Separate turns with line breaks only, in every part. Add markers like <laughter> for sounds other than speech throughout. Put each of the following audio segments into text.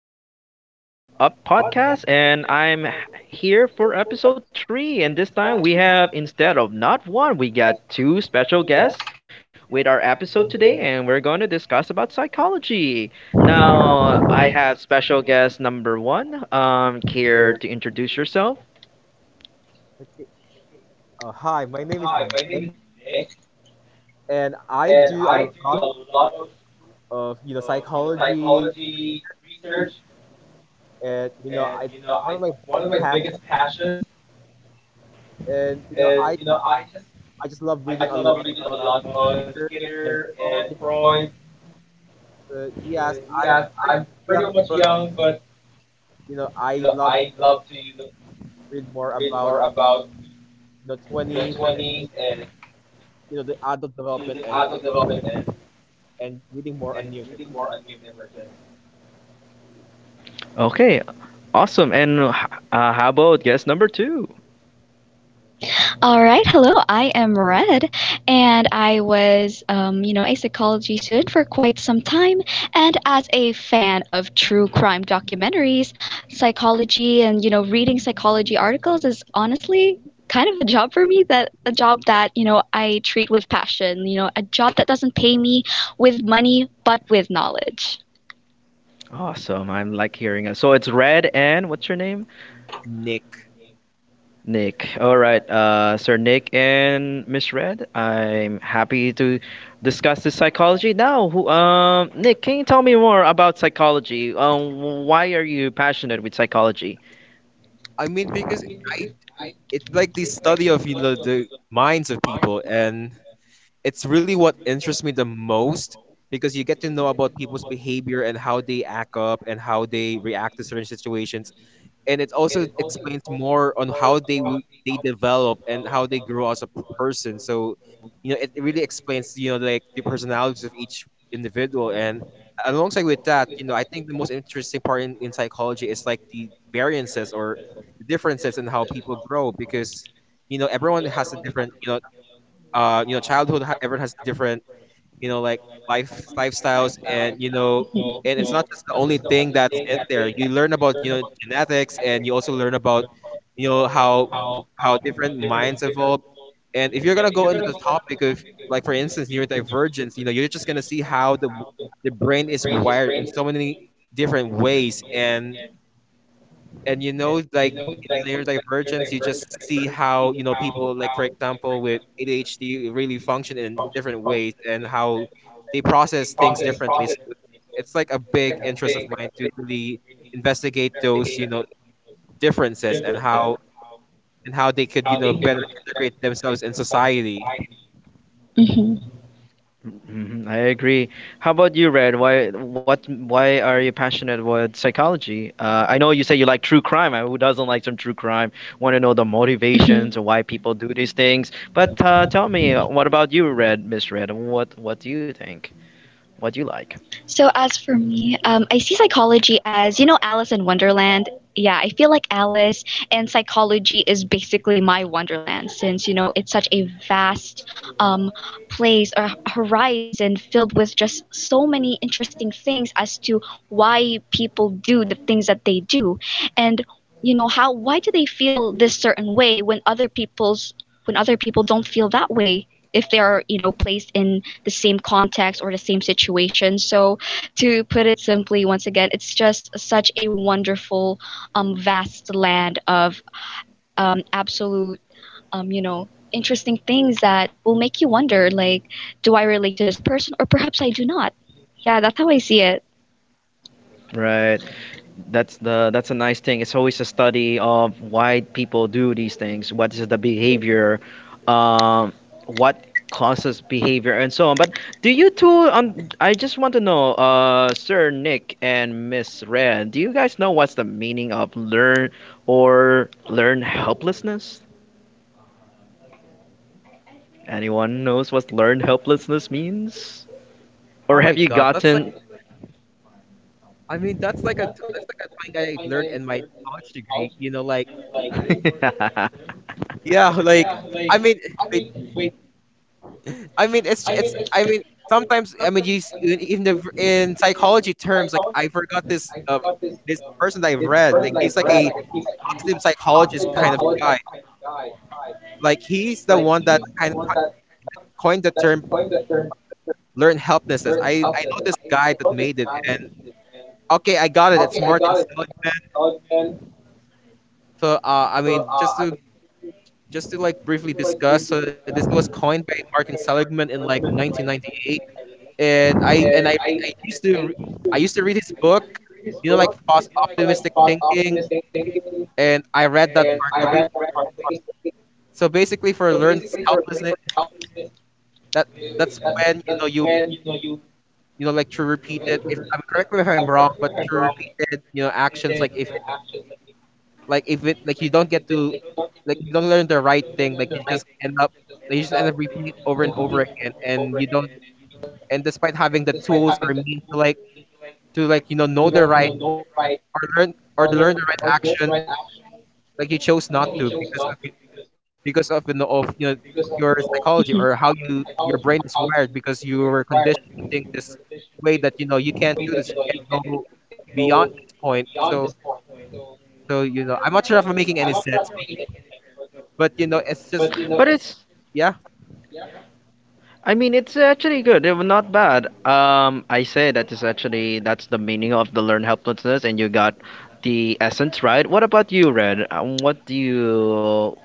the
the
What
What Up
Podcast,
podcast,
and
and
here
here
for
for episode three.
free.
And
And
this
this
time
time
we
we
have,
have,
instead
instead
of
of
not
not
one,
one,
we
we got
got two
two
special
special guests
guests with
with
our
our
episode
episode
today,
today,
and
and
we're
we're
going
going
to
to discuss
discuss about psychology.
psychology.
Now,
Now,
I
I have
have
special
special guest
guest number
number
one.
one. Care
Care to
to
introduce
introduce
yourself?
yourself?
Hi, my name is Nick,
Okay?
and I do a
And I
lot of,
do a lot of
of
you know,
psychology
psychology
research,
research,
and
and
it's one of
I,
my biggest
one of my
passions.
biggest passions,
And I
and
just
I just
I just love reading a lot
love reading a
on
lot on Skinner
Skinner
and
and
Freud.
Freud. So yes, I'm
Yes,
pretty
I'm
much
pretty
young, but
much young, but
I love to
I love to
read more
read
about
more about.
20s, and the adult development, and reading more on neurodivergence.
Okay,
Okay,
awesome.
awesome.
And
And how
how about
about
guest
guess
number
number
two?
two?
All
All
right,
right, hello.
hello. I
I
am
am
Red,
Red,
and
and
I
I
was,
was,
a
a
psychology
psychology
student
student
for
for
quite
quite
some
some
time.
time.
And
And
as
as
a
a
fan
fan
of
of
true
true
crime
crime
documentaries,
documentaries,
psychology
psychology
and
and
reading
reading
psychology
psychology
articles
articles
is
is honestly
honestly kind
kind of
of a
a job
job for
for me.
me.
That
That
a
a
job
job
that
that
I
I
treat
treat
with
with
passion.
passion.
A
A
job
job
that
that
doesn't
doesn't
pay
pay
me
me
with
with
money,
money,
but
but
with
with
knowledge.
knowledge.
Awesome.
Awesome.
I'm
I'm
like
like hearing
hearing
it.
it. So
So it's
it's Red,
Red, and
and
what's
what's
your
your
name?
name?
Nick. Nick.
Nick.
All
All
right,
right, Sir
Sir Nick
Nick
and
and
Miss
Miss
Red,
Red.
I'm
I'm
happy
happy
to
to
discuss
discuss this
this
psychology
psychology
now.
now. Who,
Nick,
Nick, can
can you
you
tell
tell me
me more
more
about
about
psychology?
psychology? Why
Why are
are
you
you passionate
passionate with
with psychology?
psychology?
I mean, because it's like the study of the minds of people, and it's really what interests me the most, because you get to know about people's behavior and how they act up and how they react to certain situations. And it also explains more on how they develop and how they grow as a person. So, it really explains like the personalities of each individual. And alongside with that, I think the most interesting part in psychology is like the variances or the differences in how people grow, because everyone has a different, childhood. Everyone has different, like lifestyles, and and it's not just the only thing that's in there. You learn about genetics, and you also learn about, how different minds evolve. And if you're gonna go into the topic of, like, for instance, neurodivergence, you're just gonna see how the brain is wired in so many different ways. And you know like and you in know, their like divergence you just your see how you know people like for how example with ADHD really function in different ways, and how they process things they differently process. So it's like a big interest of, like, mine to really investigate those, differences, and how differences, and how they could, better how they could integrate themselves in society.
Hmm.
Mm-hmm.
Mhm, I
Mhm, I
agree. How
agree.
about you,
How
Red?
about you, Red? Why what
Why are you
why are
passionate
you
with
passionate with
psychology? I
psychology?
know you say
I
you
know
like
you say
true
you like
crime.
true
Who
crime.
doesn't
Who
like some
doesn't
true crime? Want to know the motivations or why people do these things. But tell me, what about you, Miss Red? What do you think? What do you like?
So as for me, I see psychology as Alice in Wonderland. Yeah, I feel like Alice, and psychology is basically my Wonderland, since it's such a vast, um, place or horizon filled with just so many interesting things as to why people do the things that they do, and how, why do they feel this certain way when other people's when other people don't feel that way if they are placed in the same context or the same situation. So to put it simply, once again, it's just such a wonderful, vast land of, absolute, interesting things that will make you wonder, like, do I relate to this person, or perhaps I do not. Yeah, that's how I see it.
Right. That's a nice thing. It's always a study of why people do these things. What is the behavior? Um, what causes behavior and so on. But do you two I just want to know, Sir Nick and Miss Red, do you guys know what's the meaning of learn helplessness? Anyone knows what learn helplessness
helplessness
means?
means? Oh
Or
my
have you
god, that's like,
gotten
have you gotten. I mean, that's like a that's like a thing I learned in my college degree, like.
<laughs>
<laughs> Yeah, like, I mean, wait, I mean, it's it's. I mean, sometimes. I mean, you s- you- in the v- in psychology terms, like, I forgot this this person that I've read. Like, he's like a positive psychologist kind of guy. Like, he's the one that kind of that coined the term learn helplessness. I know this guy that made it, and, okay, I got it. It's Martin Seligman. So, I mean, just to like briefly discuss, this was coined by Martin Seligman in like 1998, and I read, I used to read his book, like fast optimistic thinking, and I read that part. So basically, for learned helplessness, that that's when you know you you know, like, to repeated, if I'm, correct me if I'm wrong, but to repeated actions, like if, like if it like, you don't get to, like, if you don't learn the right thing, like you just end up, repeating it over and over again, and you don't, and despite having the tools or means to like, know the right, or right learn or to learn the right
the
action,
the right
right,
action.
like, you chose not to.
Like he chose not to,
Because of, you know of you
because of
know
the
of
whole.
your <laughs>
Mhm.
psychology, or how your brain is wired, because you were conditioned to think this way, that you can't do this, you can't go beyond this point. So So so I'm not sure if I'm making any sense, sure, but it's just, it's
But
just But
it's
a it's, yeah yeah.
I
I
mean,
mean,
it's
it's
actually
actually
good. It
good.
was
It would
not
not,
bad.
I
I
say
say
that's
that is
actually
actually
that's the
that's the
meaning of
meaning
the
of the
learning
learn helplessness, and
analysis,
you
and you
got
got
the
the
essence
essence
right. What
right. What
about you,
about you,
Red?
Red?
What do
What do
you
you,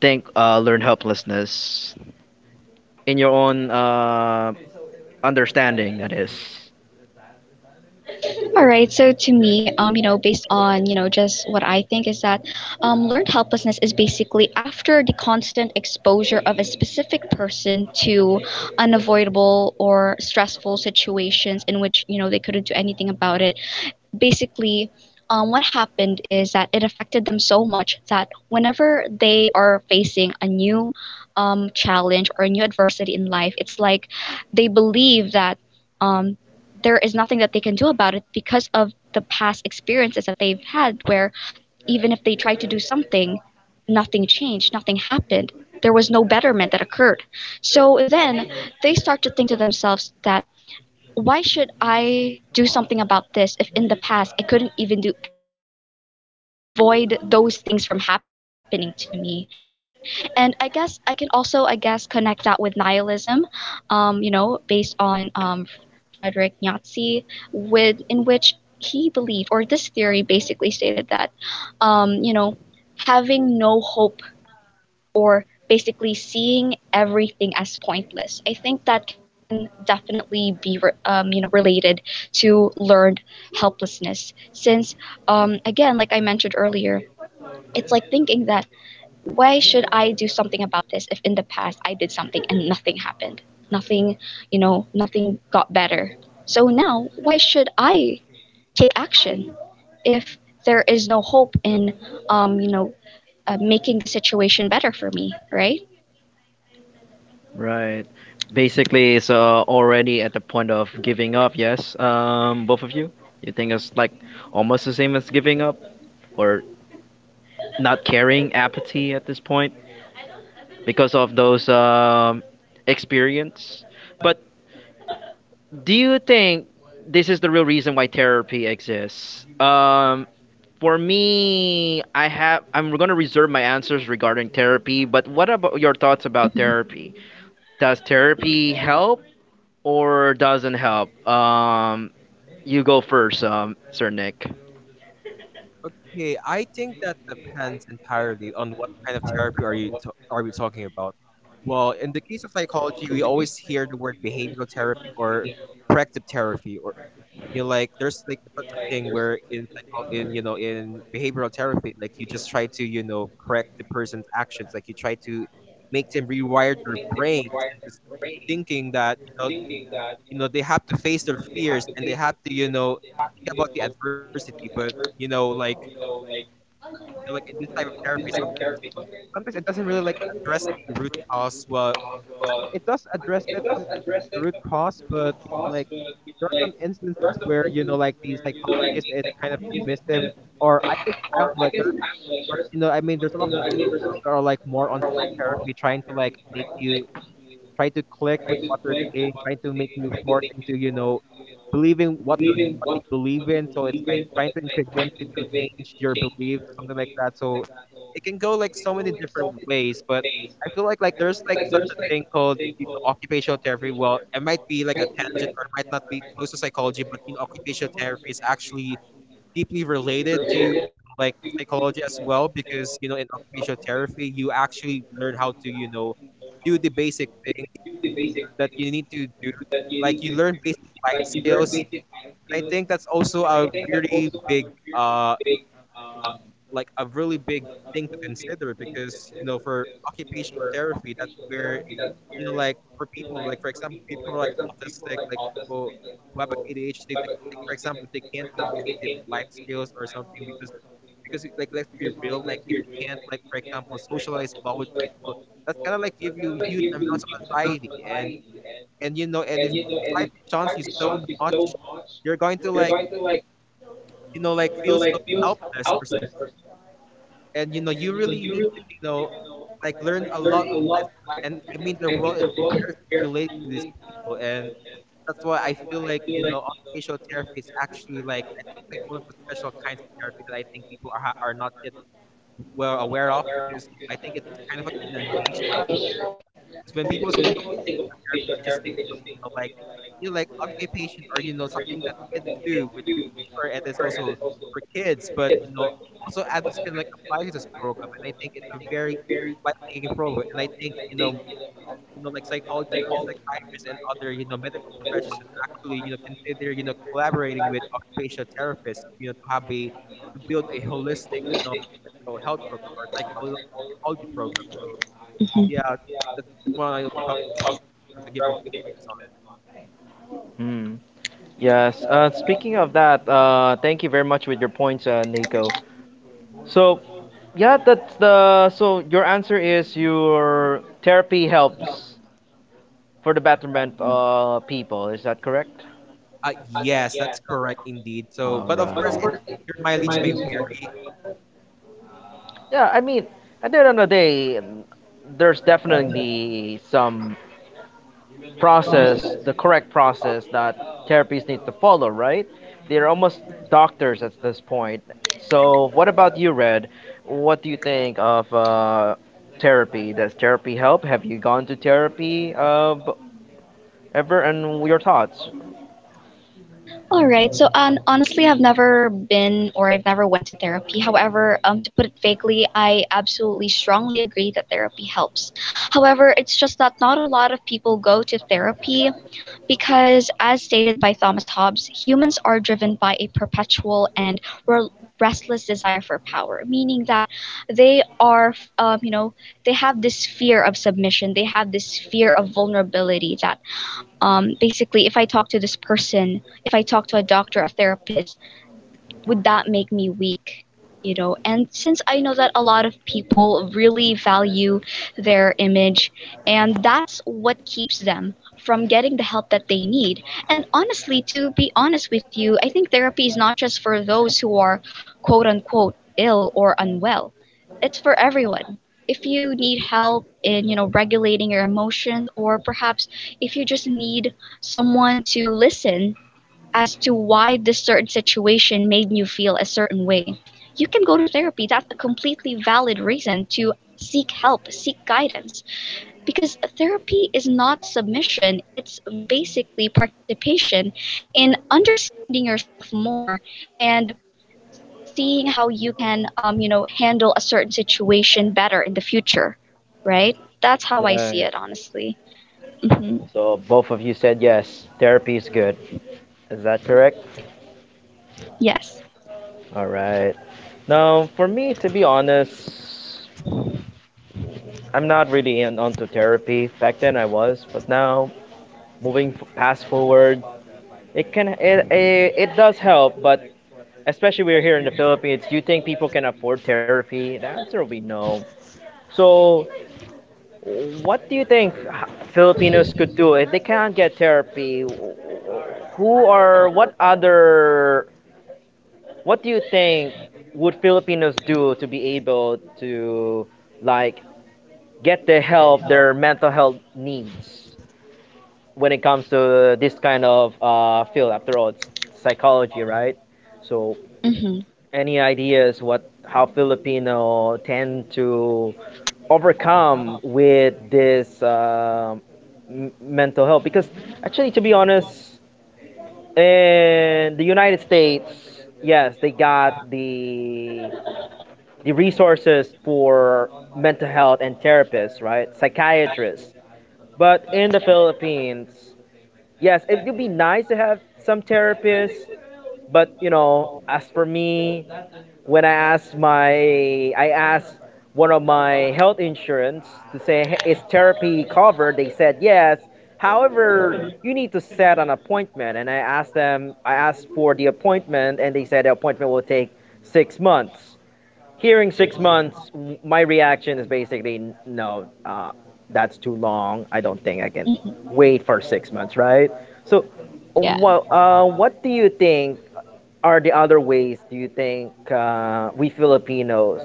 think learn
uh,
helplessness in your own understanding? That is
All right. So to me, based on just what I think is that, learned helplessness is basically after the constant exposure of a specific person to unavoidable or stressful situations in which they couldn't do anything about it, basically. What happened is that it affected them so much that whenever they are facing a new, challenge or a new adversity in life, it's like they believe that, um, there is nothing that they can do about it because of the past experiences that they've had, where even if they tried to do something, nothing changed, nothing happened. There was no betterment that occurred. So then they start to think to themselves that, why should I do something about this if in the past I couldn't even do anything to avoid those things from happening to me? And I guess I can also, I guess, connect that with nihilism, based on, Frederick Nietzsche, with in which he believed, or this theory basically stated that, um, you know, having no hope or basically seeing everything as pointless. I think that can definitely be related to learned helplessness since, again like I mentioned earlier, it's like thinking that, why should I do something about this if in the past I did something and nothing happened, nothing, nothing got better, so now why should I take action if there is no hope in, um, you know making the situation better for me, right?
right. Basically, it's already at the point of giving up. Yes. Both of you. You think it's like almost the same as giving up or not caring, apathy at this point? Because of those experience. But do you think this is the real reason why therapy exists? For me, I'm gonna reserve my answers regarding therapy. But what about your thoughts about
Mhm.
therapy? Does therapy help or doesn't help? You go first, Sir Nick.
Okay, I think that depends entirely on what kind of therapy are you are we talking about. Well, in the case of psychology, we always hear the word behavioral therapy, or corrective therapy, or, like, there's like a, such a thing where in psycho in in behavioral therapy, like, you just try to correct the person's actions, like, you try to make them rewire their brains into thinking that, they have to face their fears, and they have to, think about the adversity. But like, like, in this type of therapy, sometimes, it doesn't really, like, address the root cause. Well, I mean, it does address it some, the root cause, but, like, there are some instances where, like, the psychologist is kind of dismissive, or, I guess, I don't know, like, there's, but, I mean, there's a lot of therapists as well that are, like, more on top therapy, trying to, like, make you try to click with what they're saying, trying to make you force into, believing what they believe in. So it's like trying to convince you to change your beliefs, something like that. So it can go like so many different ways. But I feel like, there's like such a thing called, occupational therapy. Well, it might be like a tangent, or it might not be close to psychology, but, occupational therapy is actually deeply related to, like, psychology as well, because, in occupational therapy, you actually learn how to, do the basic things that you need to do, like, you learn basic life skills. And I think that's also a very big, uh like, a really big thing to consider, because, for occupational therapy, that's where, like, for people, like, for example, people who are like autistic, like, people who have, like, ADHD, like, for example, if they can't do, like, basic life skills or something, because, like, let's be real, like, if you can't, like, for example, socialize well with people, that's gonna, like, give you huge amounts of anxiety. And, you know, and if society shuns you so much, you're going to, like, like, feel so helpless or some. And, you really need to, like, learn a lot of life skills. And, I mean, the world is very stimulating to these people. And that's why I feel like, occupational therapy is actually, like, I think it's like one of the special kinds of therapy that I think people are are not yet well aware of, because, I think it's kind of like in a niche, because when people think of occupational therapy, they just think of, like, like, occupation, or, something that kids do, which, sure, it is also for kids. But, also adults can, like, apply to this program, and I think it's a very life-saving program. And I think, like, psychologists and psychiatrists and other, medical professions should actually, consider, collaborating with occupational therapists, to have a, to build a holistic, mental health program, or psychology program. So, yeah, <laughs> that's just what I talk. Just what, where I want to get my two cents on.
Hmm.
Mm, yes.
Yes. Speaking
Speaking of
of that,
that,
thank
thank
you
you very
very much
much
with
with
your
your
points,
points, Nico.
Nico.
So,
So
yeah,
yeah, that's the
the
so
so
your
your
answer
answer is
is
your
your
therapy
therapy
helps
helps for
for the
the
betterment
betterment of people.
people.
Is
Is
that
that correct?
correct?
Yes, that's correct indeed. So, but of course,
All
it's right. it
right.
your mileage may vary.
Yeah,
Yeah, I
I
mean,
mean, at
at
the
the end
end
of
of
the
the day,
day,
there's
there's
definitely
definitely some
some
process,
process, the
the
correct
correct process
process
that
that
therapy
therapists need to
to
follow,
follow, right?
right?
They're
They're
almost
almost
doctors
doctors
at
at
the
this
point.
point. So, what about you, Red? What do you think of therapy? Does therapy help? Have you gone to therapy ever and your thoughts.
All right. So, honestly, I've never went to therapy. However, to put it vaguely, I absolutely strongly agree that therapy helps. However, it's just that not a lot of people go to therapy because, as stated by Thomas Hobbes, humans are driven by a perpetual and restless desire for power, meaning that they are, you know, they have this fear of submission. They have this fear of vulnerability that, basically, if I talk to this person if I talk to a doctor, a therapist, would that make me weak? And since I know that a lot of people really value their image, and that's what keeps them from getting the help that they need. And honestly, to be honest with you, I think therapy is not just for those who are quote unquote ill or unwell, it's for everyone. If you need help in, regulating your emotions, or perhaps if you just need someone to listen as to why this certain situation made you feel a certain way. You can go to therapy. That's a completely valid reason to seek help, seek guidance. Because therapy is not submission, it's basically participation in understanding yourself more and seeing how you can, handle a certain situation better in the future, right? That's how I see
Right.
it, honestly. Hmm.
So both of you said yes, therapy is good. Is that correct?
Yes.
All right. Now, for me, to be honest, I'm not really in, onto therapy. Back then I was, but now past forward, it can it, it it does help, but especially we're here in the Philippines. Do you think people can afford therapy? The answer will be no. So what do you think Filipinos could do if they can't get therapy? Who are what other what do you think would Filipinos do to be able to like get the help their mental health needs when it comes to this kind of field? After all, it's psychology, right? So,
Hmm.
any ideas what how Filipino tend to overcome with this mental health? Because actually, to be honest, in the United States, yes, they got the resources for mental health and therapists, right? Psychiatrists. But in the Philippines, yes, it would be nice to have some therapists. But you know, as for me, when I asked my I asked one of my health insurance to say, "Hey, is therapy covered?" They said yes. However, you need to set an appointment, and I asked them. I asked for the appointment, and they said the appointment will take 6 months. Hearing 6 months, my reaction is basically no, that's too long. I don't think I can
Mhm.
wait for 6 months, right? So,
Yeah.
well, what do you think are the other ways do you think we Filipinos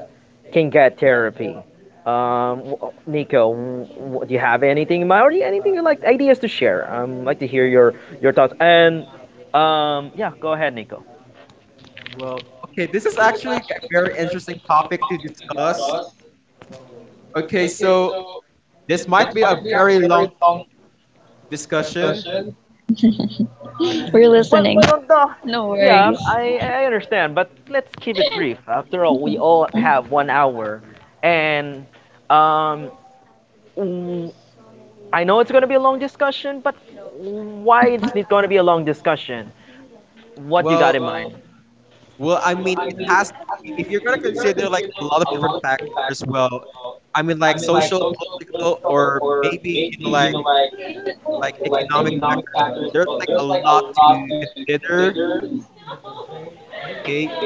can get therapy? Nico, do you have anything in mind or anything you like ideas to share? Like to hear
I'd like to
your
hear your
thoughts.
your thoughts.
And yeah, go ahead, Nico.
Well, okay, this is actually a very interesting topic to discuss. Okay, so this might be a very long discussion. <laughs> We're
We're
Well,
listening.
listening.
We
don't,
don't
do
know. No
No
worries.
Yeah,
Yeah,
worries.
I,
I
I
understand,
understand,
but
but
let's
keep
keep
it
it brief.
brief.
After
After
all,
all,
we
we
all
all
Mhm.
have
have
one
1 hour,
hour,
and
and
um,
um, w- I
I
know
know
it's
it's going
gonna
to
be
be
a
a
long
long
discussion,
discussion,
but
but
why
why
is
is
Mhm.
it
it going
gonna
to
be
be
a
a
long
long discussion?
discussion?
Well,
What you
what
got
you
in
got in
mind.
mind? Well, I mean, it has. If you're gonna consider like a lot of different factors, well, I mean, like social, political, or maybe you know, like economic factors. Well, there's like a lot to consider. Okay. <laughs>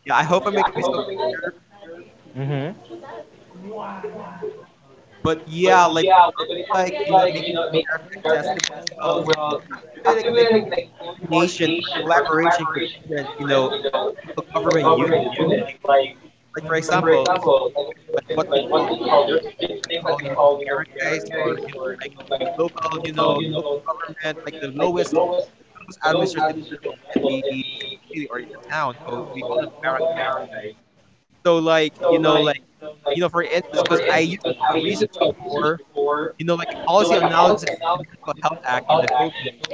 Yeah, I hope I'm making myself clear.
Mm-hmm.
Mm-hmm. But yeah, like when it comes to, yeah, like you know making accessible, well, there has to, well, be like you know like coordination or collaboration with different, you know, local government units. Like, for example, like in the Philippines, like what we call, like, there's this thing that we call, you know, barangays, or you know, like local, like you know, local government, like the lowest, like the lowest administrative level in the city or in the town. So we call them barangays. So, you know, for instance, because I used to do a research before, you know, like a policy analysis on like the Mental Health Act in the Philippines,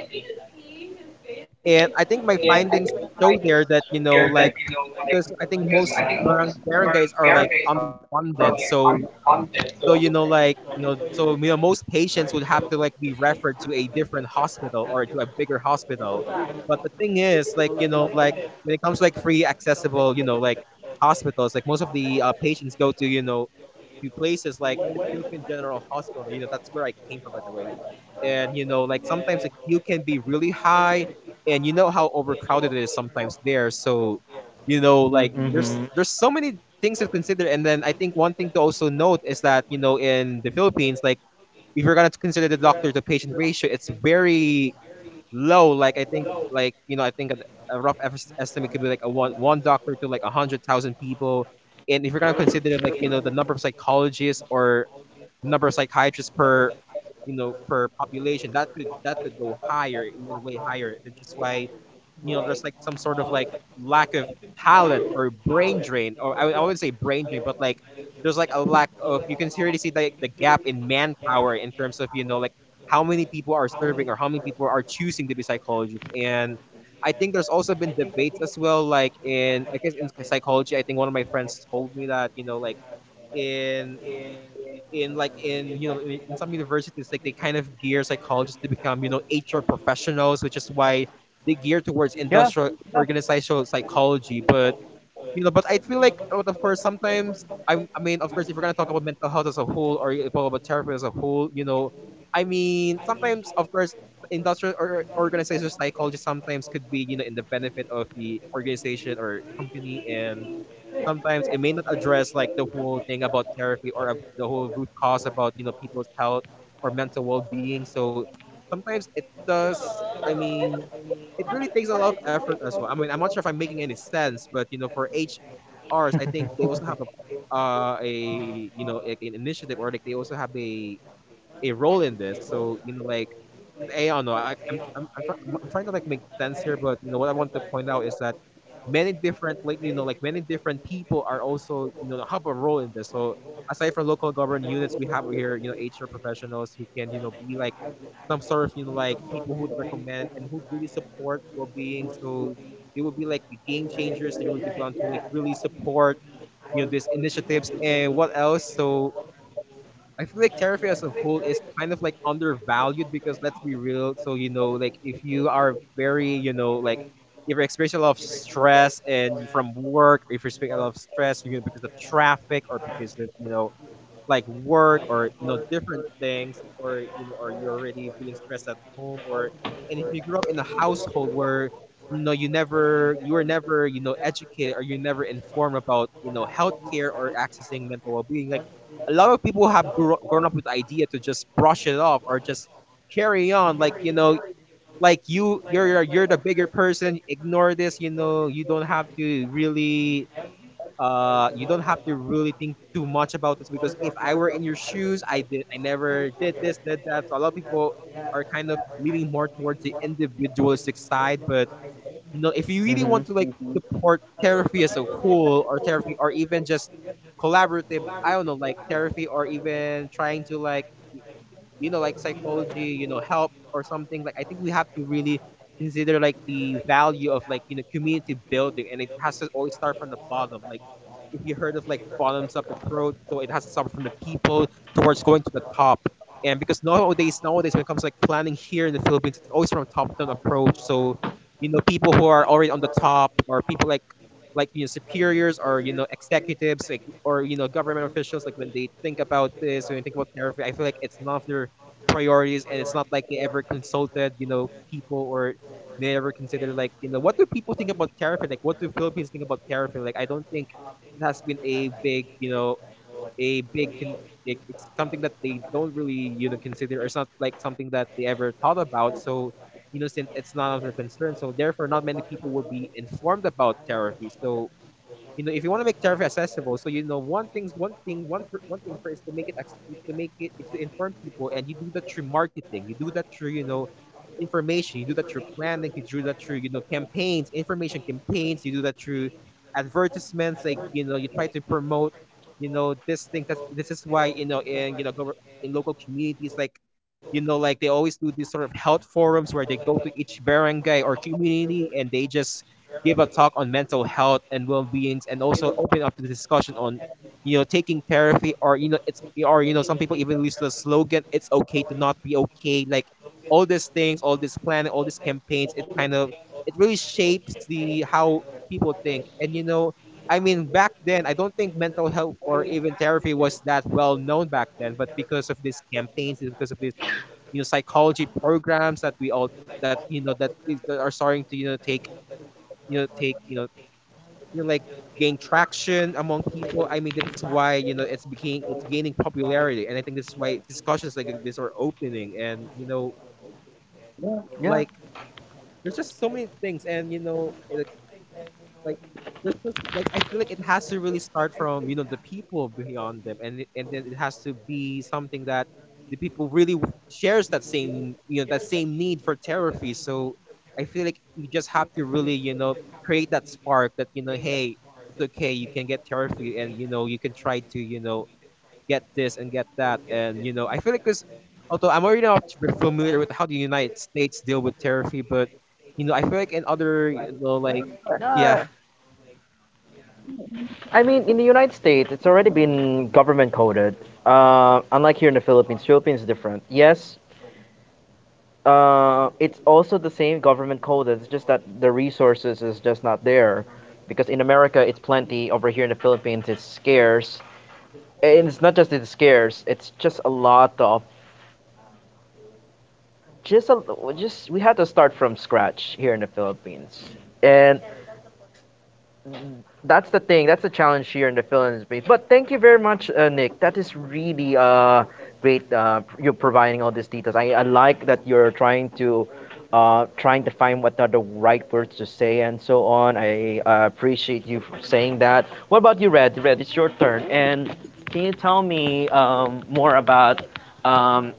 and I think my findings show there that, you know, like, because I think most barangays are like underfunded. So, so you know like you know so you know most patients would have to like be referred to a different hospital or to a bigger hospital, but the thing is, like you know, like when it comes to like free accessible, you know, like hospitals, like most of the patients go to, you know, to places like the Philippine General Hospital, you know, that's where I came from by the way, and you know, like sometimes the queue can be really high, and you know how overcrowded it is sometimes there. So, you know,
Mm-hmm.
like, mm-hmm, there's so many things to consider. And then I think one thing to also note is that, you know, in the Philippines, like, if you're gonna consider the doctor to patient ratio, it's very low, like I think, like, you know, I think a rough estimate could be like a one doctor to like a 100,000 people, and if you're going to consider, like, you know, the number of psychologists or the number of psychiatrists per, you know, per population, that could go higher, even way higher. That's just why, you know, there's like some sort of like lack of talent or brain drain, or I wouldn't say brain drain, but like, there's like a lack of, you can already see like the gap in manpower in terms of, you know, like how many people are serving or how many people are choosing to be psychologists. And I think there's also been debates as well, like in, I guess, in psychology. I think one of my friends told me that, you know, like in in some universities, like they kind of gear psychologists to become, you know, HR professionals, which is why they gear towards
Yeah.
industrial and, yeah, organizational psychology, but you know, but I feel like, of course, sometimes I mean of course, if we're going to talk about mental health as a whole, or you talk about therapy as a whole, you know, I mean, sometimes, of course, industrial or organizational psychology sometimes could be, you know, in the benefit of the organization or company, and sometimes it may not address like the whole thing about therapy, or the whole root cause about, you know, people's health or mental well-being. So sometimes it does, I mean, it really takes a lot of effort as well. I mean, I'm not sure if I'm making any sense, but you know, for HRs, I think they also have a <laughs> a, you know, like an initiative, or like they also have a role in this. So you know, like, because I don't know, I, I'm tr- I'm, try, I'm trying to like make sense here, but you know what I want to point out is that many different, like you know, like many different people are also, you know, have a role in this. So aside from local government units, we have here, you know, HR professionals who can, you know, be like some sort of, you know, like people who'd recommend and who'd really support well-being. So they would be like the game changers. They would be able to like really support, you know, these initiatives, and what else. So I feel like Terrafi as a whole is kind of like undervalued, because let's be real. So you know, like if you are very, you know, like, if you're experiencing a lot of stress and you- from work, if you're experiencing a lot of stress, you know, because of traffic, or because of, you know, like work, or you know, different things, or you know, or you're already feeling stressed at home, or, and if you grew up in a household where, you know, you never, you were never, you know, educated, or you're never informed about, you know, healthcare or accessing mental well-being, like a lot of people have grown up with the idea to just brush it off, or just carry on, like, you know, like you're you're the bigger person, ignore this, you know, you don't have to really, you don't have to really think too much about this. Because if I were in your shoes, I never did this, did that. So a lot of people are kind of leaning more towards the individualistic side. But you know, if you really want to like,
Mm-hmm.
mm-hmm, support therapy as a whole, or therapy, or even just collaborative, I don't know, like therapy, or even trying to like, you know, like psychology, you know, help or something, like, I think we have to really consider like the value of, like, you know, community building, and it has to always start from the bottom. Like, if you heard of like bottoms up approach, so it has to start from the people towards going to the top. And because nowadays when it comes to like planning here in the Philippines, it's always from a top down approach. So you know, people who are already on the top, or people like you know, superiors, or you know, executives, like, or you know, government officials, like when they think about this, when they think about tariff, I feel like it's none of their priorities, and it's not like they ever consulted, you know, people, or they ever considered, like, you know, what do people think about tariff, like, what do Philippines think about tariff, like, I don't think it has been a big, you know, a big like, it's something that they don't really, you know, consider, or it's not like something that they ever thought about. So you know, since it's not of their concern, so therefore not many people will be informed about therapy. So you know, if you want to make therapy accessible, so you know, one thing for is to make it is to make it is to inform people, and you do that through marketing, you do that through, you know, information, you do that through planning, you do that through, you know, campaigns, information campaigns, you do that through advertisements, like, you know, you try to promote, you know, this thing. That this is why, you know, in, you know, in local communities, like, you know, like they always do these sort of health forums where they go to each barangay or community, and they just give a talk on mental health and well beings, and also open up the discussion on, you know, taking therapy, or you know, it's, or you know, some people even use the slogan, "It's okay to not be okay." Like all these things, all this planning, all these campaigns, it kind of, it really shapes the how people think, and you know. I mean, back then, I don't think mental health or even therapy was that well known back then. But because of these campaigns, and because of this, psychology programs that we all that you know that is that are starting to you know take you know take you know like gain traction among people. This is why it's gaining popularity, and I think this is why discussions like this are opening. And you know
Yeah.
like There's just so many things, and like there's just, like, I feel like it has to really start from the people beyond them, and then it has to be something that the people really shares that same, that same need for therapy. So I feel like you just have to really, create that spark that, hey, it's okay, you can get therapy, and you can try to, get this and get that. And I feel like, because although I'm already not very familiar with how the United States deal with therapy, but I feel like in other, yeah,
No,
yeah. I mean, in the
I mean,
United
in the United
States, it's
States,
already
it's already
been
been
government
government
coded.
coded.
Unlike here in the
Unlike here in the
Philippines,
Philippines,
Philippines is
Philippines is
different.
different.
Yes,
Yes,
it's
it's
also the
also
same
the same
government
government
coded.
coded.
It's
It's
just
just
that
that
the
the
resources
resources
is
is
just
just
not
not
there,
there,
because
because
in
in
America
America
it's
it's
plenty.
plenty.
Over
Over
here
here
in
in
the
the
Philippines,
Philippines,
it's
it's
scarce,
scarce.
and
And
it's
it's
not
not
just
just
it's
it's
scarce.
scarce.
It's
It's
just
just
a
a
lot
lot
of
of
just
just
a,
a,
just
just
we
we
had
had
to
to
start
start
from
from
scratch
scratch
here in
here
the
in the
Philippines,
Philippines.
and
And
that's
that's
the
the
thing.
thing.
That's
That's
the
the
challenge
challenge
here in
here in
the
the film
Philippines.
space.
But
But
thank you
thank you
very
very
much,
much, Nick.
Nick.
That
That is
is really
really, great.
great.
You're
You're
providing
providing
all
all
these
these
details.
details.
I, I
I
like
like
that
that
you're
you're
trying
trying
to,
to
trying
trying
to
to
find
find
what
what
are
are the
the right
right
words
words
to
to
say
say
and
and
so
so
on.
on.
I,
I
appreciate
appreciate
you
you for
saying
saying that.
that. What
What
about
about
you,
you,
Red?
Red?
Red,
Red,
it's
it's
your
your
turn.
turn.
And
And can
kids,
you tell me more about um,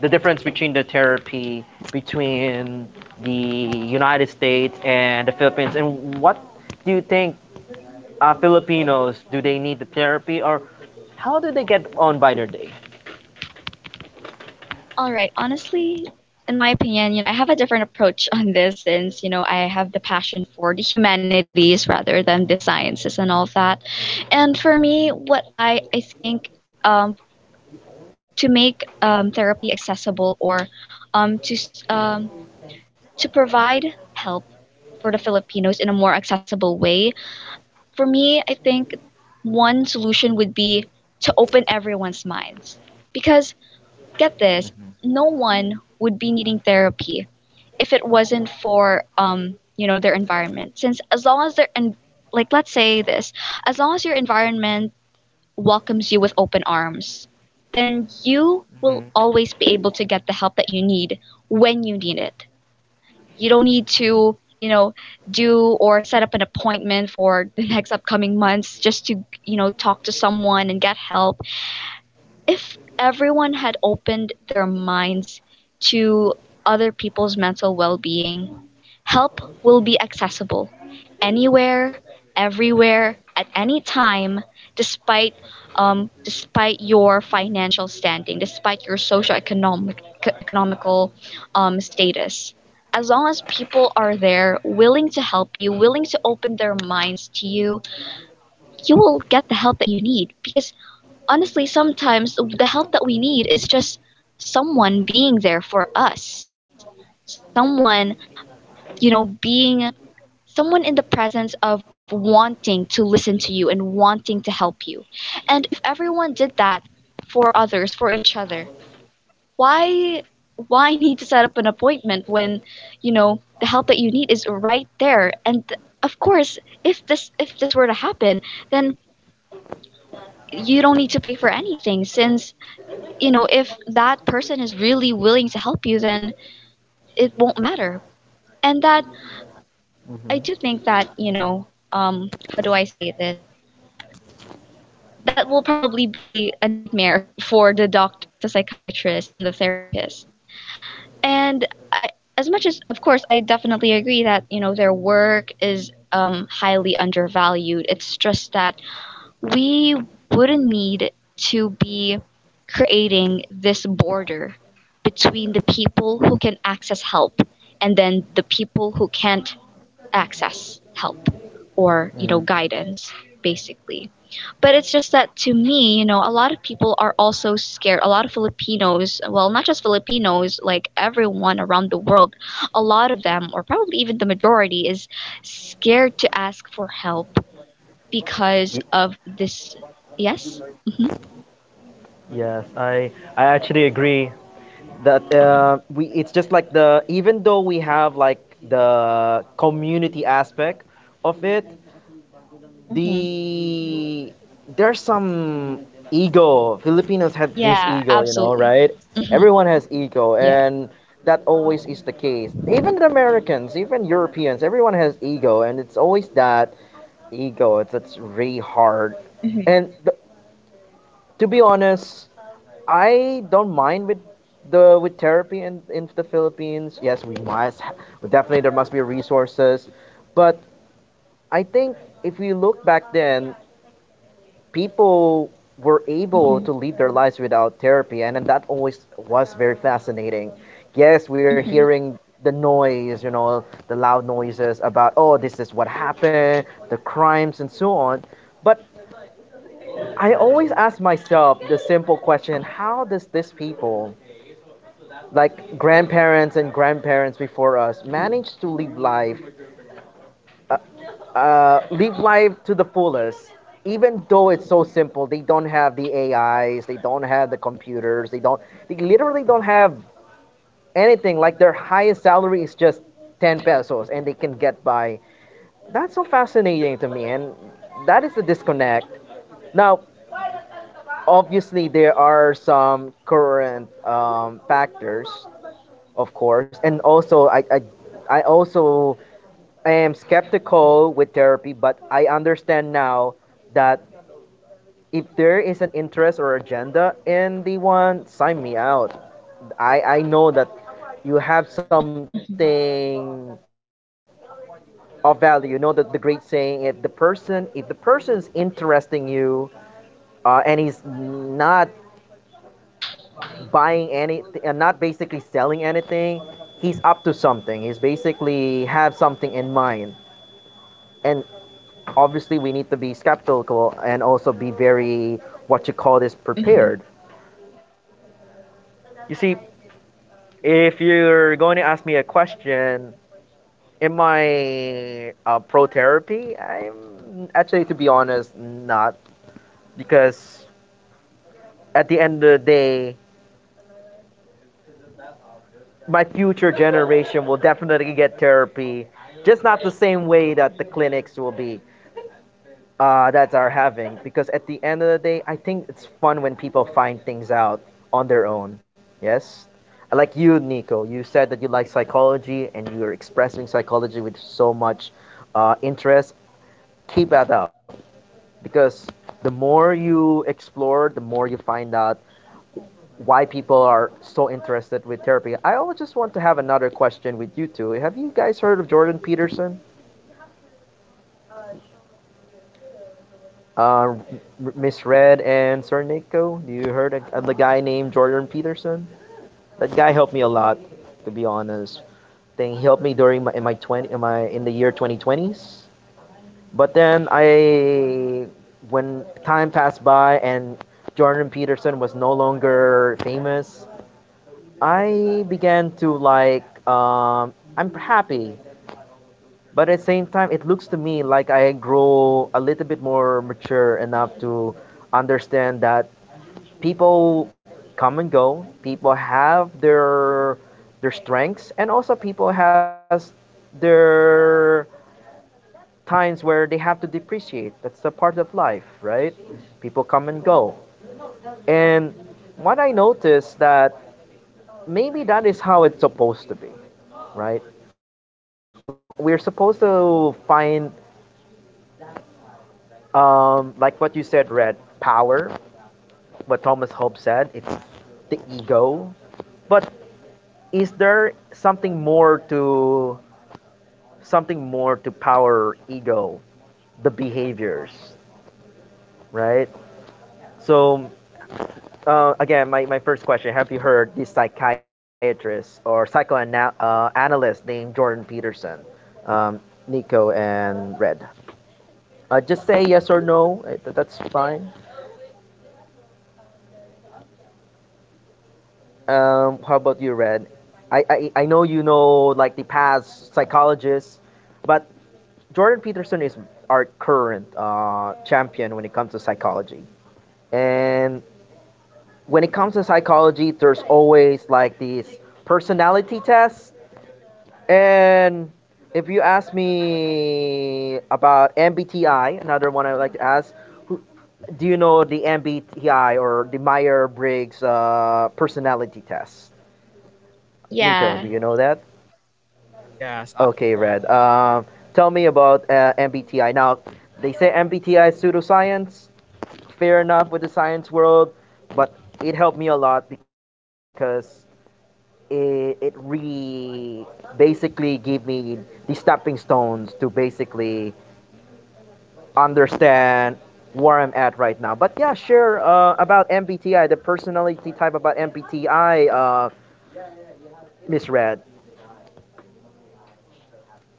the difference between the therapy between the United States and the Philippines, and what do you think Filipinos, do they need the therapy or how do they get on by their day?
All right. Honestly, in my opinion, I have a different approach on this since, I have the passion for the humanities rather than the sciences and all that. And for me, what I think to make, therapy accessible or, um, to, s- um, to provide help for the Filipinos in a more accessible way, for me, I think one solution would be to open everyone's minds. Because, get this, no one would be needing therapy if it wasn't for their environment, since as long as they're in, like let's say this as long as your environment welcomes you with open arms, then you will always be able to get the help that you need when you need it. You don't need to do or set up an appointment for the <laughs> next upcoming months just to talk to someone and get help if everyone had opened their minds to other people's mental well-being. Help will be accessible anywhere, everywhere, at any time, despite, despite your financial standing, despite your socioeconomic, economical, status. As long as people are there, willing to help you, willing to open their minds to you, you will get the help that you need. Because honestly, sometimes the help that we need is just someone being there for us, someone, being someone in the presence of wanting to listen to you and wanting to help you. And if everyone did that for others, for each other, why why need to set up an appointment when, the help that you need is right there? Of course, if this were to happen, then you don't need to pay for anything since, if that person is really willing to help you, then it won't matter. And that, I do think that, how do I say this? That will probably be a nightmare <laughs> for the doctors, the psychiatrists, and the therapists. And I, as much as, of course, I definitely agree that their work is, highly undervalued. It's just that we wouldn't need to be creating this border between the people who can access help and then the people who can't access help,
Mm,
or guidance, basically. But it's just that, to me, a lot of people are also scared. A lot of Filipinos, well, not just Filipinos, like everyone around the world, a lot of them, or probably even the majority, is scared to ask for help
y-
because of this. Yes. Hmm.
yes, I actually agree that we it's just like the even though we have like the community aspect of it,
Hmm.
the there's some ego. Filipinos have this
Yeah,
ego, you know, right?
absolutely.
mhm,
Hmm.
everyone
Everyone
has
has
ego,
ego,
sure,
Yeah.
and
and that
that always
always is
is
the
the
case.
case.
Even the Americans, even Europeans, everyone has ego, and it's always that ego. It's really hard. And
Hmm.
to be honest, I don't mind with therapy in the Philippines. Yes, we must. Definitely, there must be resources, but I think if we look back then, people were able to live
Hmm.
their lives without therapy, and that always was very fascinating. Yes, we are
Hmm.
hearing the noise, you know, the loud noises about, oh, this is what happened, the crimes and so on. But I always ask myself the simple question: how does this people like grandparents and grandparents before us manage to live life, live life to the fullest. Even though it's so simple, they don't have the AIs, they don't have the computers, they don't, they literally don't have anything. Like their highest salary is just 10 pesos and they can get by. That's so fascinating to me, and that is the disconnect. Now, obviously, there are some current factors, of course, and also I also am skeptical with therapy, but I understand now that if there is an interest or agenda and they want sign me out, I know that you have something of value. You know that the great saying, if the person, if the person's interesting you, and he's not buying anything and not basically selling anything, he's up to something. He's basically have something in mind. And obviously, we need to be skeptical and also be very, what you call this,
Hmm.
prepared. You see, if you're going to ask me a question, in my pro therapy, I'm actually, to be honest, not. Because at the end of the day, my future generation will definitely get therapy, just not the same way that the clinics will be that are having. Because at the end of the day, I think it's fun when people find things out on their own. Yes, like you, Nico, you said that you like psychology and you're expressing psychology with so much interest. Keep that up, because the more you explore, the more you find out why people are so interested with therapy. I always just want to have another question with you two. Have you guys heard of Jordan Peterson? Uh, Miss Red and Sir Nico, do you heard the guy named Jordan Peterson? That guy helped me a lot, to be honest. Then he helped me during my in my twenty in my in the year 2020s. But then when time passed by and Jordan Peterson was no longer famous, I began to like. I'm happy, but at the same time, it looks to me like I grow a little bit more mature enough to understand that people come and go. People have their strengths, and also people has their times where they have to depreciate. That's a part of life, right? People come and go, and what I noticed that maybe that is how it's supposed to be, right? We're supposed to find, like what you said, Red, power. What Thomas Hope said, it's the ego. But is there something more to power, ego, the behaviors, right? So again, my first question: have you heard this psychiatrist or psychoanalyst named Jordan Peterson, um, Nico and Red? Just say yes or no. That's fine. How about you, Red? I know you know, like, the past psychologists, but Jordan Peterson is our current champion when it comes to psychology. And when it comes to psychology, there's always, like, these personality tests. And if you ask me about MBTI, another one I would like to ask, who, do you know the MBTI or the Meyer Briggs personality test? Nico, do you know that?
Yeah.
Yes, I've okay,
Okay,
heard Red,
Red.
of it.
Tell
Tell
me
me
about
about,
MBTI.
MBTI now.
Now, they say MBTI is pseudoscience. Fair enough with the science world, but it helped me a lot because it really basically gave me the stepping stones to basically understand where I'm at right now. But yeah, sure, about MBTI, the personality type about MBTI, Miss Red,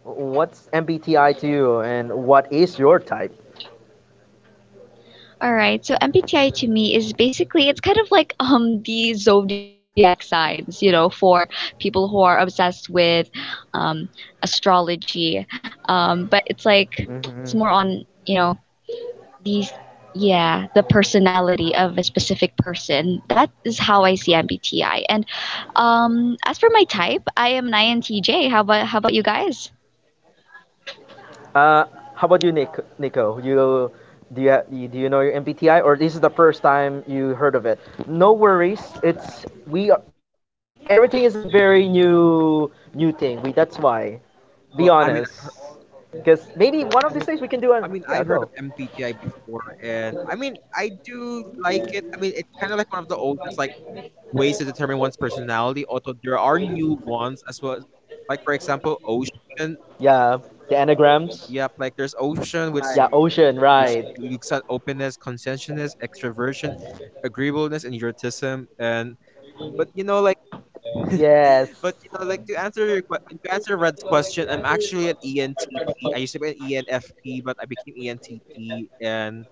what's MBTI to you and what is your type?
All right, so MBTI to me is basically, it's kind of like the zodiac signs, you know, for people who are obsessed with, um, astrology, but it's like, it's
Hmm.
more on, these, yeah, the personality of a specific person. That is how I see MBTI. And, as for my type, I am an INTJ. How about you guys?
Uh, how about you, Nick? Nico,
Do you
you do you, ha- do you know your MBTI, or this is the first time you heard
no
of it?
worries.
No
It's
worries.
we
It's we are, everything is a very new thing. We, that's why.
be honest.
Be
Well, I
honest,
mean, I hear- maybe one of
because
these days we
maybe
can do
one of
an
these days we
yeah
can
go.
do
I
an,
mean, I
yeah,
heard of
go.
MPTI before, and I mean, I do like it. I mean, it's kind of like one of the oldest, like, ways to determine one's personality. Although there are new ones as well, like, for example, yeah, Ocean, yeah, like
Yeah,
diagrams.
the anagrams.
Yep, like, there's Ocean, which
Yeah,
I
ocean, right?
looks at openness, conscientiousness, extroversion, agreeableness, and eroticism, and but you know, like, yes, <laughs>
Yes.
but you know, like, to answer your que- and to answer Red's question, I'm actually an ENTP. I used to be an ENFP, but I became ENTP. And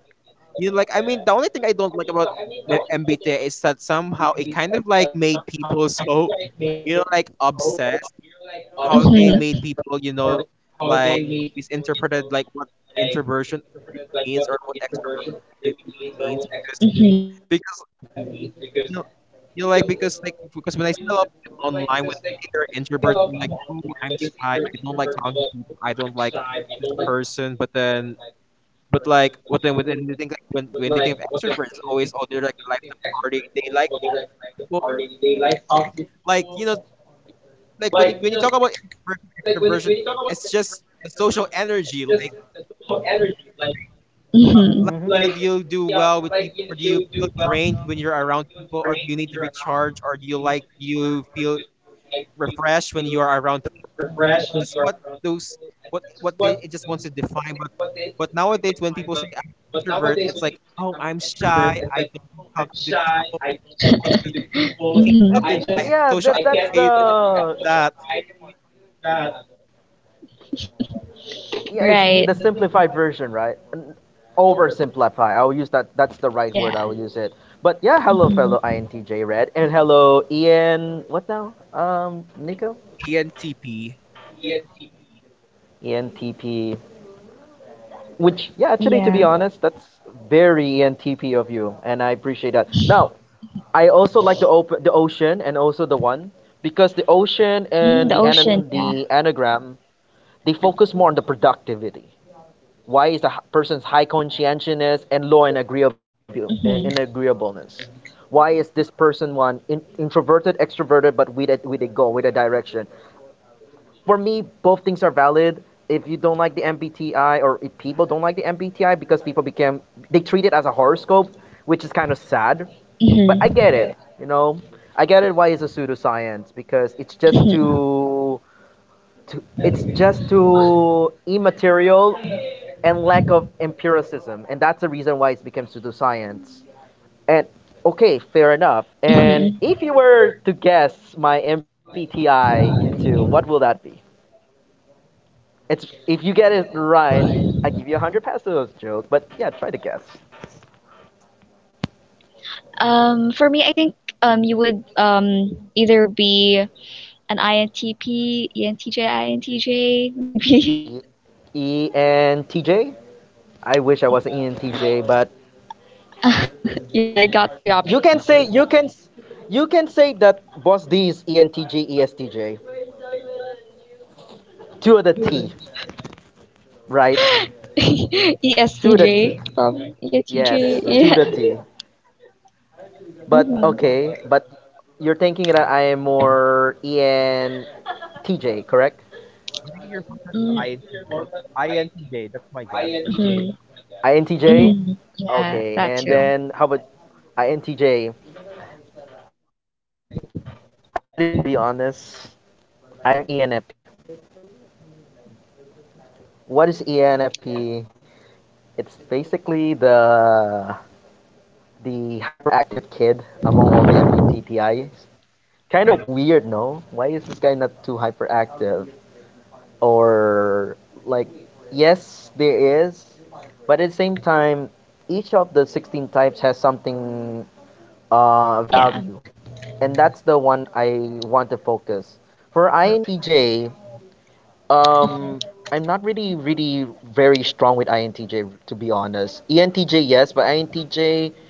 you know, like, I mean, the only thing I don't like about MBTI is that somehow it kind of like made people so, you know, like, obsessed or like, mhm, how they
Mhm.
made people, you know, like, misinterpreted like what introversion really means or what extroversion really means. because
Mhm.
because you know you know like because when I see a lot of people online, when they say they're introvert, they're like, oh, I'm shy, I don't like talking to people, I don't like this person. But then, I think, like, when they think of extroverts, it's always, oh, they're like the life of the party, they like talking to people, like, you know, y- like, when you talk about introversion extroversion, it's just the social energy, like, yeah,
Mhm.
Mm-hmm.
like, you know, do you do well with people, or do you feel drained when you're around people, or do you need to recharge, or do you like you feel refreshed when you are around people? I think that's just what those what they it just wants to define. But, nowadays, when people say I'm an introvert, it's like, oh, I'm shy, I don't like talking to people, I <laughs> just
<laughs>
I can't, yeah,
Mhm.
talk to
That's
this, I have that's
yeah.
social,
That
that's
that's
anxiety, something the like
the
that, the
yeah, it's
simplified
Right.
the
version, right?
simplified version, right? N-
Oversimplify. I will use that.
oversimplify. I'll use that. That's the right word.
Yeah.
I'll use it. But yeah, hello,
Mhm.
fellow INTJ Red, and hello, Ian. What now? Nico.
ENTP
ENTP. Which, yeah, actually, to be honest, that's very ENTP of you, and I appreciate that. Now, I also like the open, the ocean, and also the one because the ocean and the the anagram, they focus more on the productivity. Why is the person's high conscientiousness and low
Hmm.
in agreeableness? Why is this person one in, introverted, extroverted, but with a goal, with a direction? For me, both things are valid. If you don't like the MBTI, or if people don't like the MBTI, because people became, they treat it as a horoscope, which is kind of sad.
Hmm.
But I get it, you know. I get it. Why it's a pseudoscience? Because it's just too it's just too immaterial and lack of empiricism, and that's the reason why it became pseudoscience. And okay, fair enough. And
Hmm.
if you were to guess my MBTI, you two, what will that be? It's if you get it right, I give you 100 pesos, joke. But yeah, try to guess.
For me, I think, you would, either be an INTP, ENTJ, INTJ, <laughs> maybe.
ENTJ. I wish I was an ENTJ, but
<laughs> Yeah, I got
you
three
can say
options.
you can
<laughs>
you can say that both these ENTJ ESTJ, two of the T, right? Two of the T.
ESTJ, probably. ESTJ,
Yes, two of
yeah.
the T. But
Hmm.
okay, but you're thinking that I am
or
more
ENTJ, correct?
ENTJ,
I'm
correct?
thinking you're more of an
Mm,
INTJ. INTJ, that's my guess. INTJ.
mhm.
Mm,
INTJ?
okay,
Mhm.
and
Okay,
Yeah,
and
then
that
how
then
too.
about
how about
INTJ?
INTJ? Actually, to be honest, I'm ENFP. What is ENFP? It's basically the hyperactive kid among all the MBTIs. Kind of weird, no? Why is this guy not too hyperactive? Or, like, yes there is, but at the same time, each of the 16 types has something
Yeah.
value, and that's the one I want to focus. For INTJ, um, I'm not really very strong with INTJ, to be honest. ENTJ yes, but INTJ,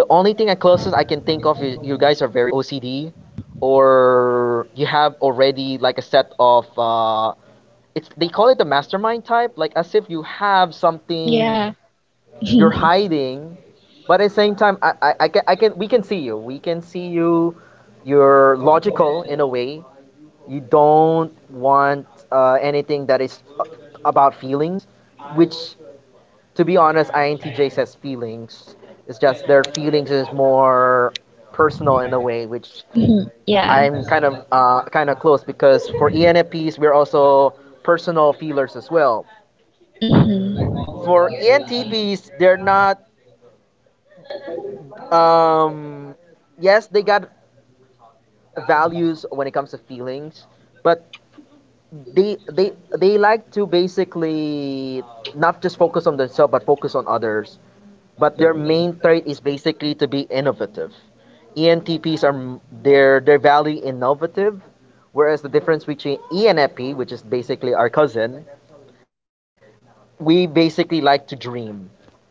the only thing I closest I can think of is you guys are very OCD, or you have already like a set of it's they call it the mastermind type, like as if you have something
Yeah.
you're hiding, but at the same time, I can we can see you. We can see you. You're logical in a way. You don't want anything that is about feelings, which, to be honest, INTJ says feelings. It's just their feelings is more personal in a way, which
Mhm.
I'm
Yeah.
kind of close because for ENFPs we're also personal feelers as well.
Mhm.
For ENTPs, they're not. Um, yes, they got values when it comes to feelings, but they they they like to basically not just focus on themselves but focus on others. But their main trait is basically to be innovative. ENTPs are they're value innovative, whereas the difference between ENFP, which is basically our cousin, we basically like to dream.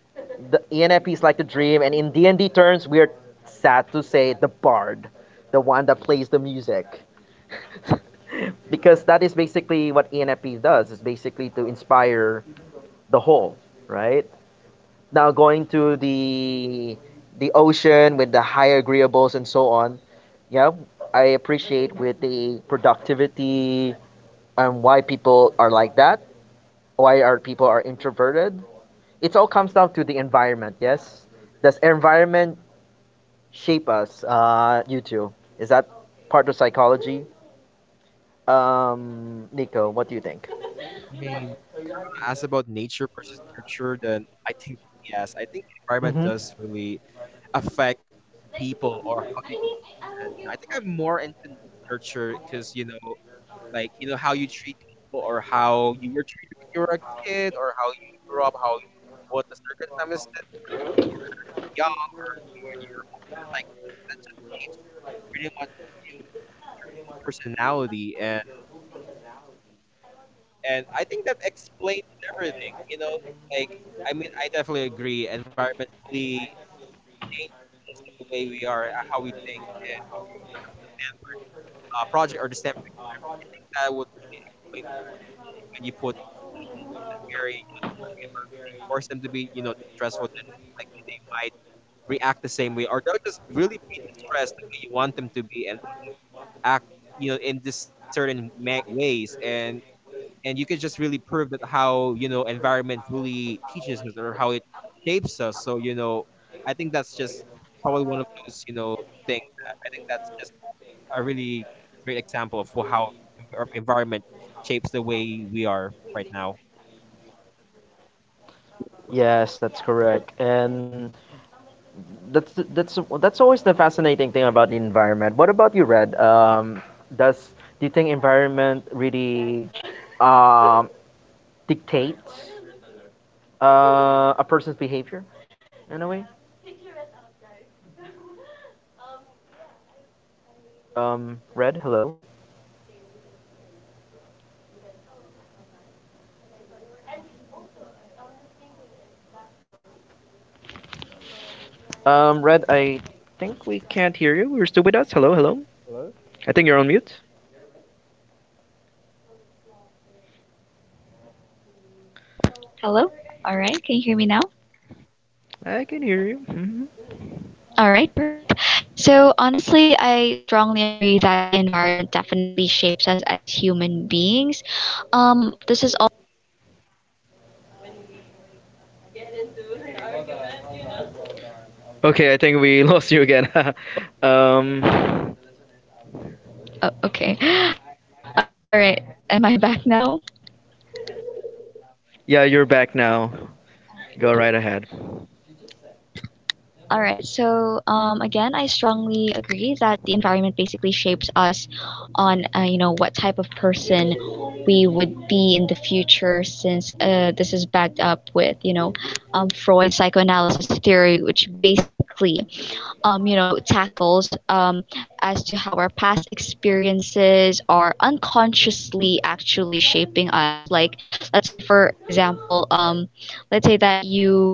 The ENFP is like the dream, and in D&D terms, we're sad to say the bard, the one that plays the music, because that is basically what ENFP does. Is basically to inspire the whole, right? Now going to the ocean with the high agreeables and so on. Yeah, I appreciate with the productivity and why people are like that. Why are people are introverted? It all comes down to the environment. Yes, does environment shape us, you two. Is that part of psychology? Nico, what do you think?
I mean, if you're gonna ask about nature versus nurture, then I think yes. I think, mm-hmm,
Mm-hmm.
environment does really affect people or how they grow up. And, you know, I think I'm more into nurture, because, you know, like, you know how you treat people or how you were treated when you were a kid or how you grew up, how what the circumstances were when you were young, or you when you were older. Like, that, that just shapes pretty much you or your whole personality. And I think that explains everything. You know, like, I mean, I definitely agree. Environment really changes the way we are, how we think. And if you heard about the Stanford, project, or the Stanford experiment, I think that would really explain a lot, especially when you put people in a very, you know, distressing environment and you force them to be, you know, distressful, then most likely they might react the same way, or they'll just really be distressed the way you want them to be, and they'll just act, you know, in this certain ways. And you could just really prove that how, you know, environment really teaches us or how it shapes us. So, you know, I think that's just probably one of those, you know, things, that I think that's just a really great example for how environment shapes the way we are right now. Yes,
Yes, that's correct.
that's correct.
And
And
that's always the fascinating thing about the environment. What about you, Red? Does do you think environment really um, dictates a person's behavior in a way? Red, hello. Red,
Red,
I
I think
think we
we
can't
can't
hear
hear
you.
you.
You're
You're
still
still
with
with us.
us?
Hello,
Hello,
hello.
hello.
Are you I still think
I
still
think
you're
you're
on
on
mute.
mute.
Hello?
Hello?
All right, can
Alright.
you hear me now?
I can hear you. Hmm.
All right, perfect. So, honestly, I strongly agree that the environment definitely shapes us as human beings. This is all.
Okay, I think we <laughs> lost you again. <laughs> um,
Oh, okay. <gasps> All right, am I back now?
yeah, you're back now. Go right ahead.
All right. So, again, I strongly agree that the environment basically shapes us on, what type of person we would be in the future. Since, this is backed up with, Freud's psychoanalysis theory, which basically, tackles, as to how our past experiences are unconsciously actually shaping us. Like let's say, for example, let's say that you,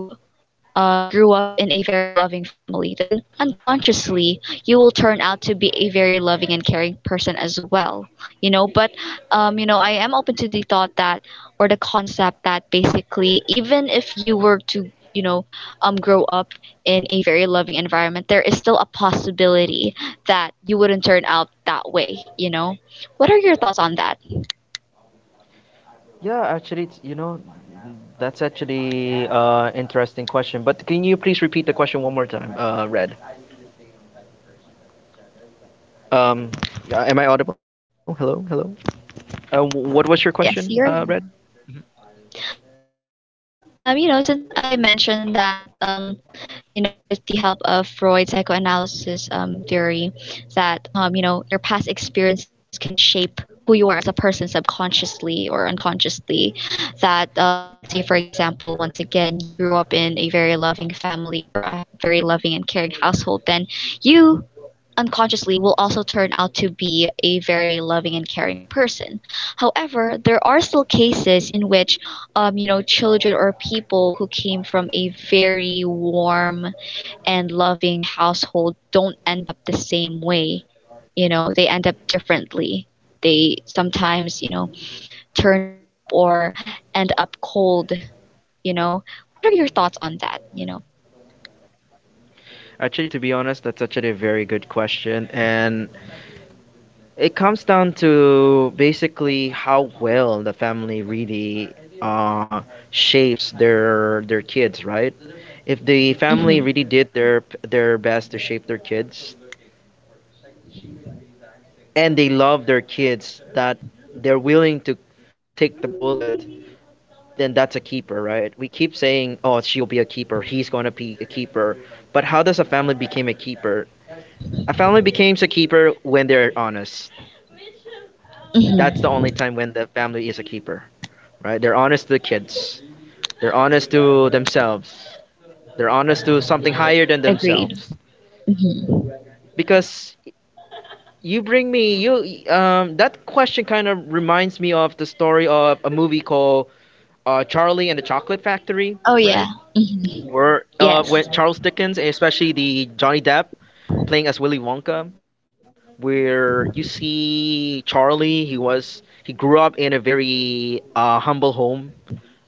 grew up in a very loving family, then unconsciously you will turn out to be a very loving and caring person as well. But, I am open to the thought that, or the concept that, basically, even if you were to you know grow up in a very loving environment, there is still a possibility that you wouldn't turn out that way. What are your thoughts on that?
Yeah, actually, it's, you know, that's actually interesting question. But can you please repeat the question one more time, Red? Um, am I audible? Hello, hello. What was your question,
Yes, you're.
Red?
Since I mentioned that, with the help of Freud's psychoanalysis, theory, that, your past experiences can shape who you are as a person subconsciously or unconsciously. That, let's say, for example, once again, you grew up in a very loving family or a very loving and caring household, then you unconsciously will also turn out to be a very loving and caring person. However, there are still cases in which, children or people who came from a very warm and loving household don't end up the same way. They end up differently. They sometimes, turn up or end up cold. You know, what are your thoughts on that?
Actually, to be honest, that's actually a very good question, and it comes down to basically how well the family really uh shapes their kids, right? If the
Mm-hmm.
family really did their best to shape their kids, and they love their kids, that they're willing to take the bullet, then that's a keeper. Right, we keep saying, oh, she'll be a keeper, he's going to be a keeper. But how does a family become a keeper? A family becomes a keeper when they're honest.
Mm-hmm.
That's the only time when the family is a keeper. Right, they're honest to the kids, they're honest to themselves, they're honest to something higher than
Agreed.
themselves.
Mm-hmm.
Because you bring me you that question kind of reminds me of the story of a movie called Charlie and the Chocolate Factory,
Oh,
right?
yeah. Mm-hmm.
Or
Where
when with
when
Yes.
Charles
Charles
Dickens,
Dickens, and
especially
especially
the
the
Johnny
Johnny
Depp
Depp playing as Willy Wonka, where you see Charlie, he was he grew up in a very humble home,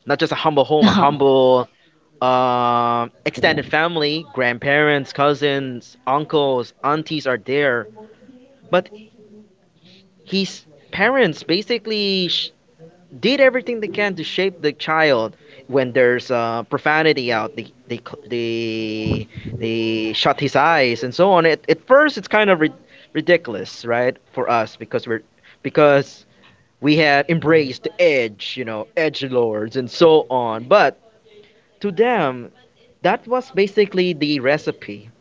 not just a humble
<laughs>
home, a humble extended family, grandparents, cousins, uncles, aunties are there. But his parents basically did everything they can to shape the child. When there's profanity out, they they shut his eyes and so on. At first it's kind of ridiculous, right, for us, because we're because we have embraced edge, you know, edge lords and so on. But to them, that was basically the recipe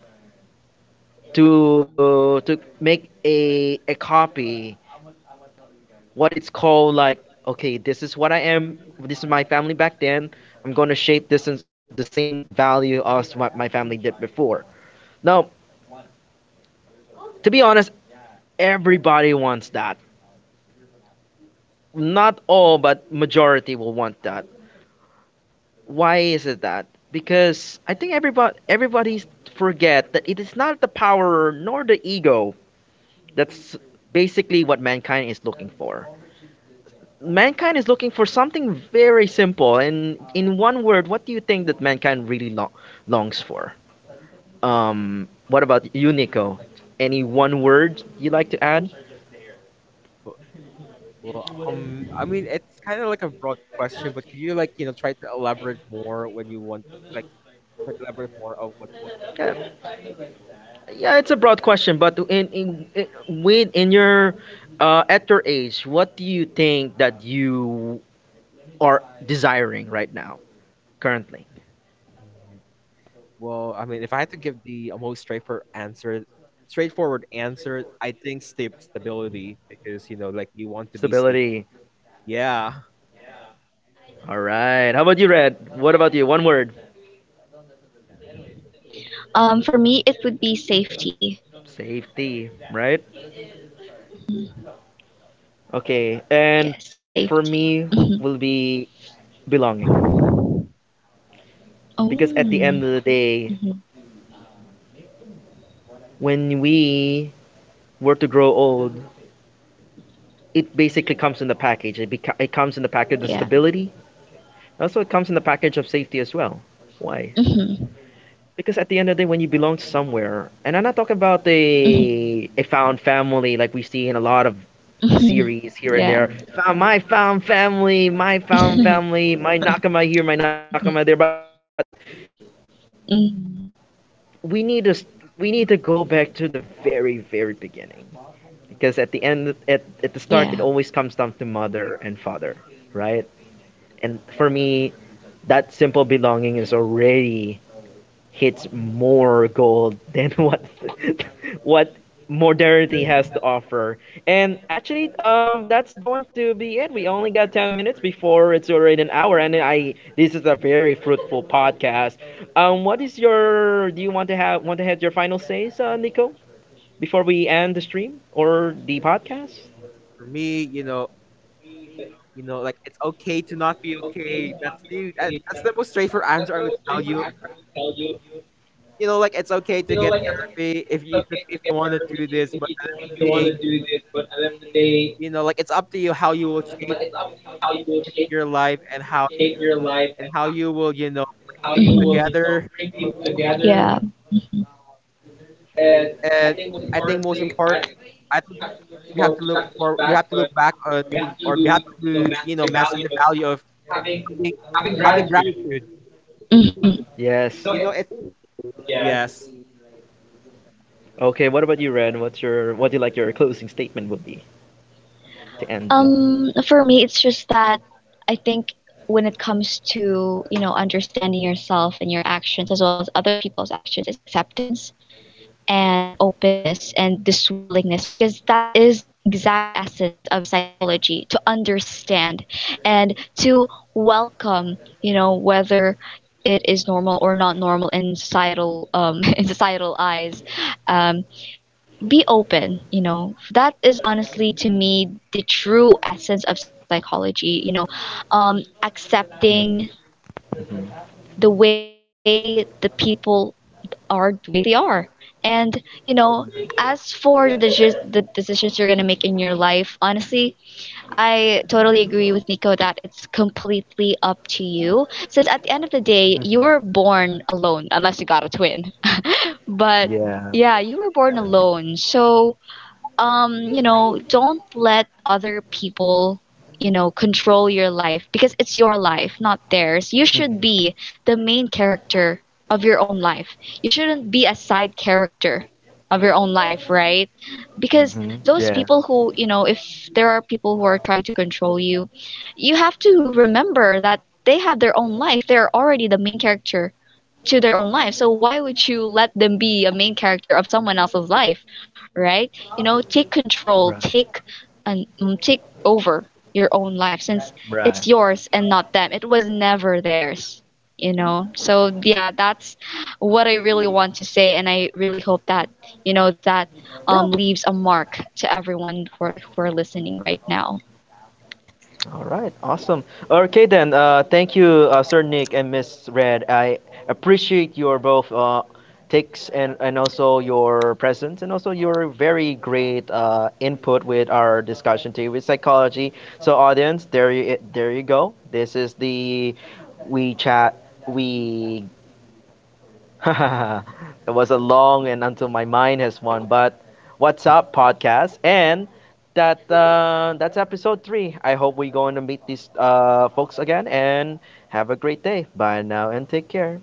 to make a copy. What it's called, like, okay, this is what I am, this is my family back then, I'm going to shape this in the same value as what my family did before. Now, to be honest, everybody wants that. Not all, but majority will want that. Why is it that, because I think everybody's forget that it is not the power nor the ego, that's basically what mankind is looking for. Mankind is looking for something very simple. And in one word, what do you think that mankind really longs for? What about you, Nico? Any one word you like to add?
well, well, I mean, it's kind of like a broad question, but could you, like, you know, try to elaborate more when you want, like, try to elaborate more of what you want to know? Yeah,
Yeah,
yeah, it's
yeah
a
it's a
broad
broad
question.
question, but
In, in, in
in
with
with
in
in
your
your at your age, what do you think that you are desiring right now, currently?
well, I mean, if I had to give the, most straightforward answer, I think stability, because, you know, like, you want to be stable.
Stability.
Stability. Yeah.
All
All
right. How
right.
about you, Red? What about you? One word.
For me, it would be safety.
Safety. Right. Okay,
Yeah,
and for me
safety.
will
Mhm.
be belonging, because
Oh,
at the end of the day,
mhm.
when we were to grow old, it basically comes in the package. It comes in the package of
Yeah.
stability. Also, it comes in the package of safety as well. Why?
Mhm.
Because at the end of the day, when you belong to somewhere, and I'm not talking about
Mhm.
a found family like we see in a lot of series
Mhm.
here and
<laughs>
there.
Yeah.
Found my found family, my found
Mhm. Mhm.
family, my nakama here, my
<laughs>
nakama
Yeah.
there, but
Mhm.
we need to we need to go back to the very beginning, because at the end
Yeah.
at the start it always comes down to mother and father, right? And for me, that simple belonging is already hits more gold than what <laughs> what modernity has to offer. And actually, that's going to be it. We only got 10 minutes before it's already an hour, and I this is a very fruitful podcast. What is your? Do you want to have your final says, Nico, before we end the stream or the podcast?
For me, you know, you know, like, it's okay to not be okay. That's the, that's the most straightforward answer I would tell you. You know, like, it's okay to get therapy if you, it's okay if you want to do this, but at the end of the day, you know, like, it's up to you how you will shape your life, and how you will, you know, bring people together. Yeah. Mhm. And I think most importantly, I think we have to look for you, have to look back on you, or you have to, you know, master the value of having gratitude, you know, it's
Mhm.
mhm, yes,
Yes.
yes. Okay, what about you,
Okay.
Red?
What about you, Red? What's your what do you like your closing statement would be to end it?
For me, it's just that I think when it comes to, understanding yourself and your actions as well as other people's actions, is acceptance. And openness and this willingness, because that is the exact essence of psychology, to understand and to welcome, whether it is normal or not normal in societal, <laughs> in societal eyes. um, be open, that is, honestly, to me, the true essence of psychology, accepting
Mm-hmm.
the way the people are, the way they are. And as for the decisions you're gonna make in your life, honestly, I totally agree with Nico that it's completely up to you. Since at the end of the day, you
Mm-hmm.
were born alone, unless you got a twin. But
Yeah.
yeah, you were born alone, so, don't let other people, control your life, because it's your life, not theirs. You should
Mm-hmm.
be the main character of your own life. You shouldn't be a side character of your own life, right? Because
Mm-hmm.
those
Yeah.
people who, if there are people who are trying to control you, you have to remember that they have their own life. They're already the main character to their own life, so why would you let them be a main character of someone else's life, right? Take
Right.
control, take and, take over your own life, since
Right.
it's yours and not them. It was never theirs, so yeah, that's what I really want to say. And I really hope that, that,
Yeah.
leaves a mark to everyone who are listening right now.
All right. Awesome. Okay then. Thank you, Sir Nick and Miss Red. I appreciate your both takes and also your presence and also your very great input with our discussion today with psychology. So audience, there you go. This is the we chat we <laughs> it was a long and until my mind has won. But what's up, podcast? And that that's episode 3. I hope we're going to meet these folks again and have a great day. Bye now and take care.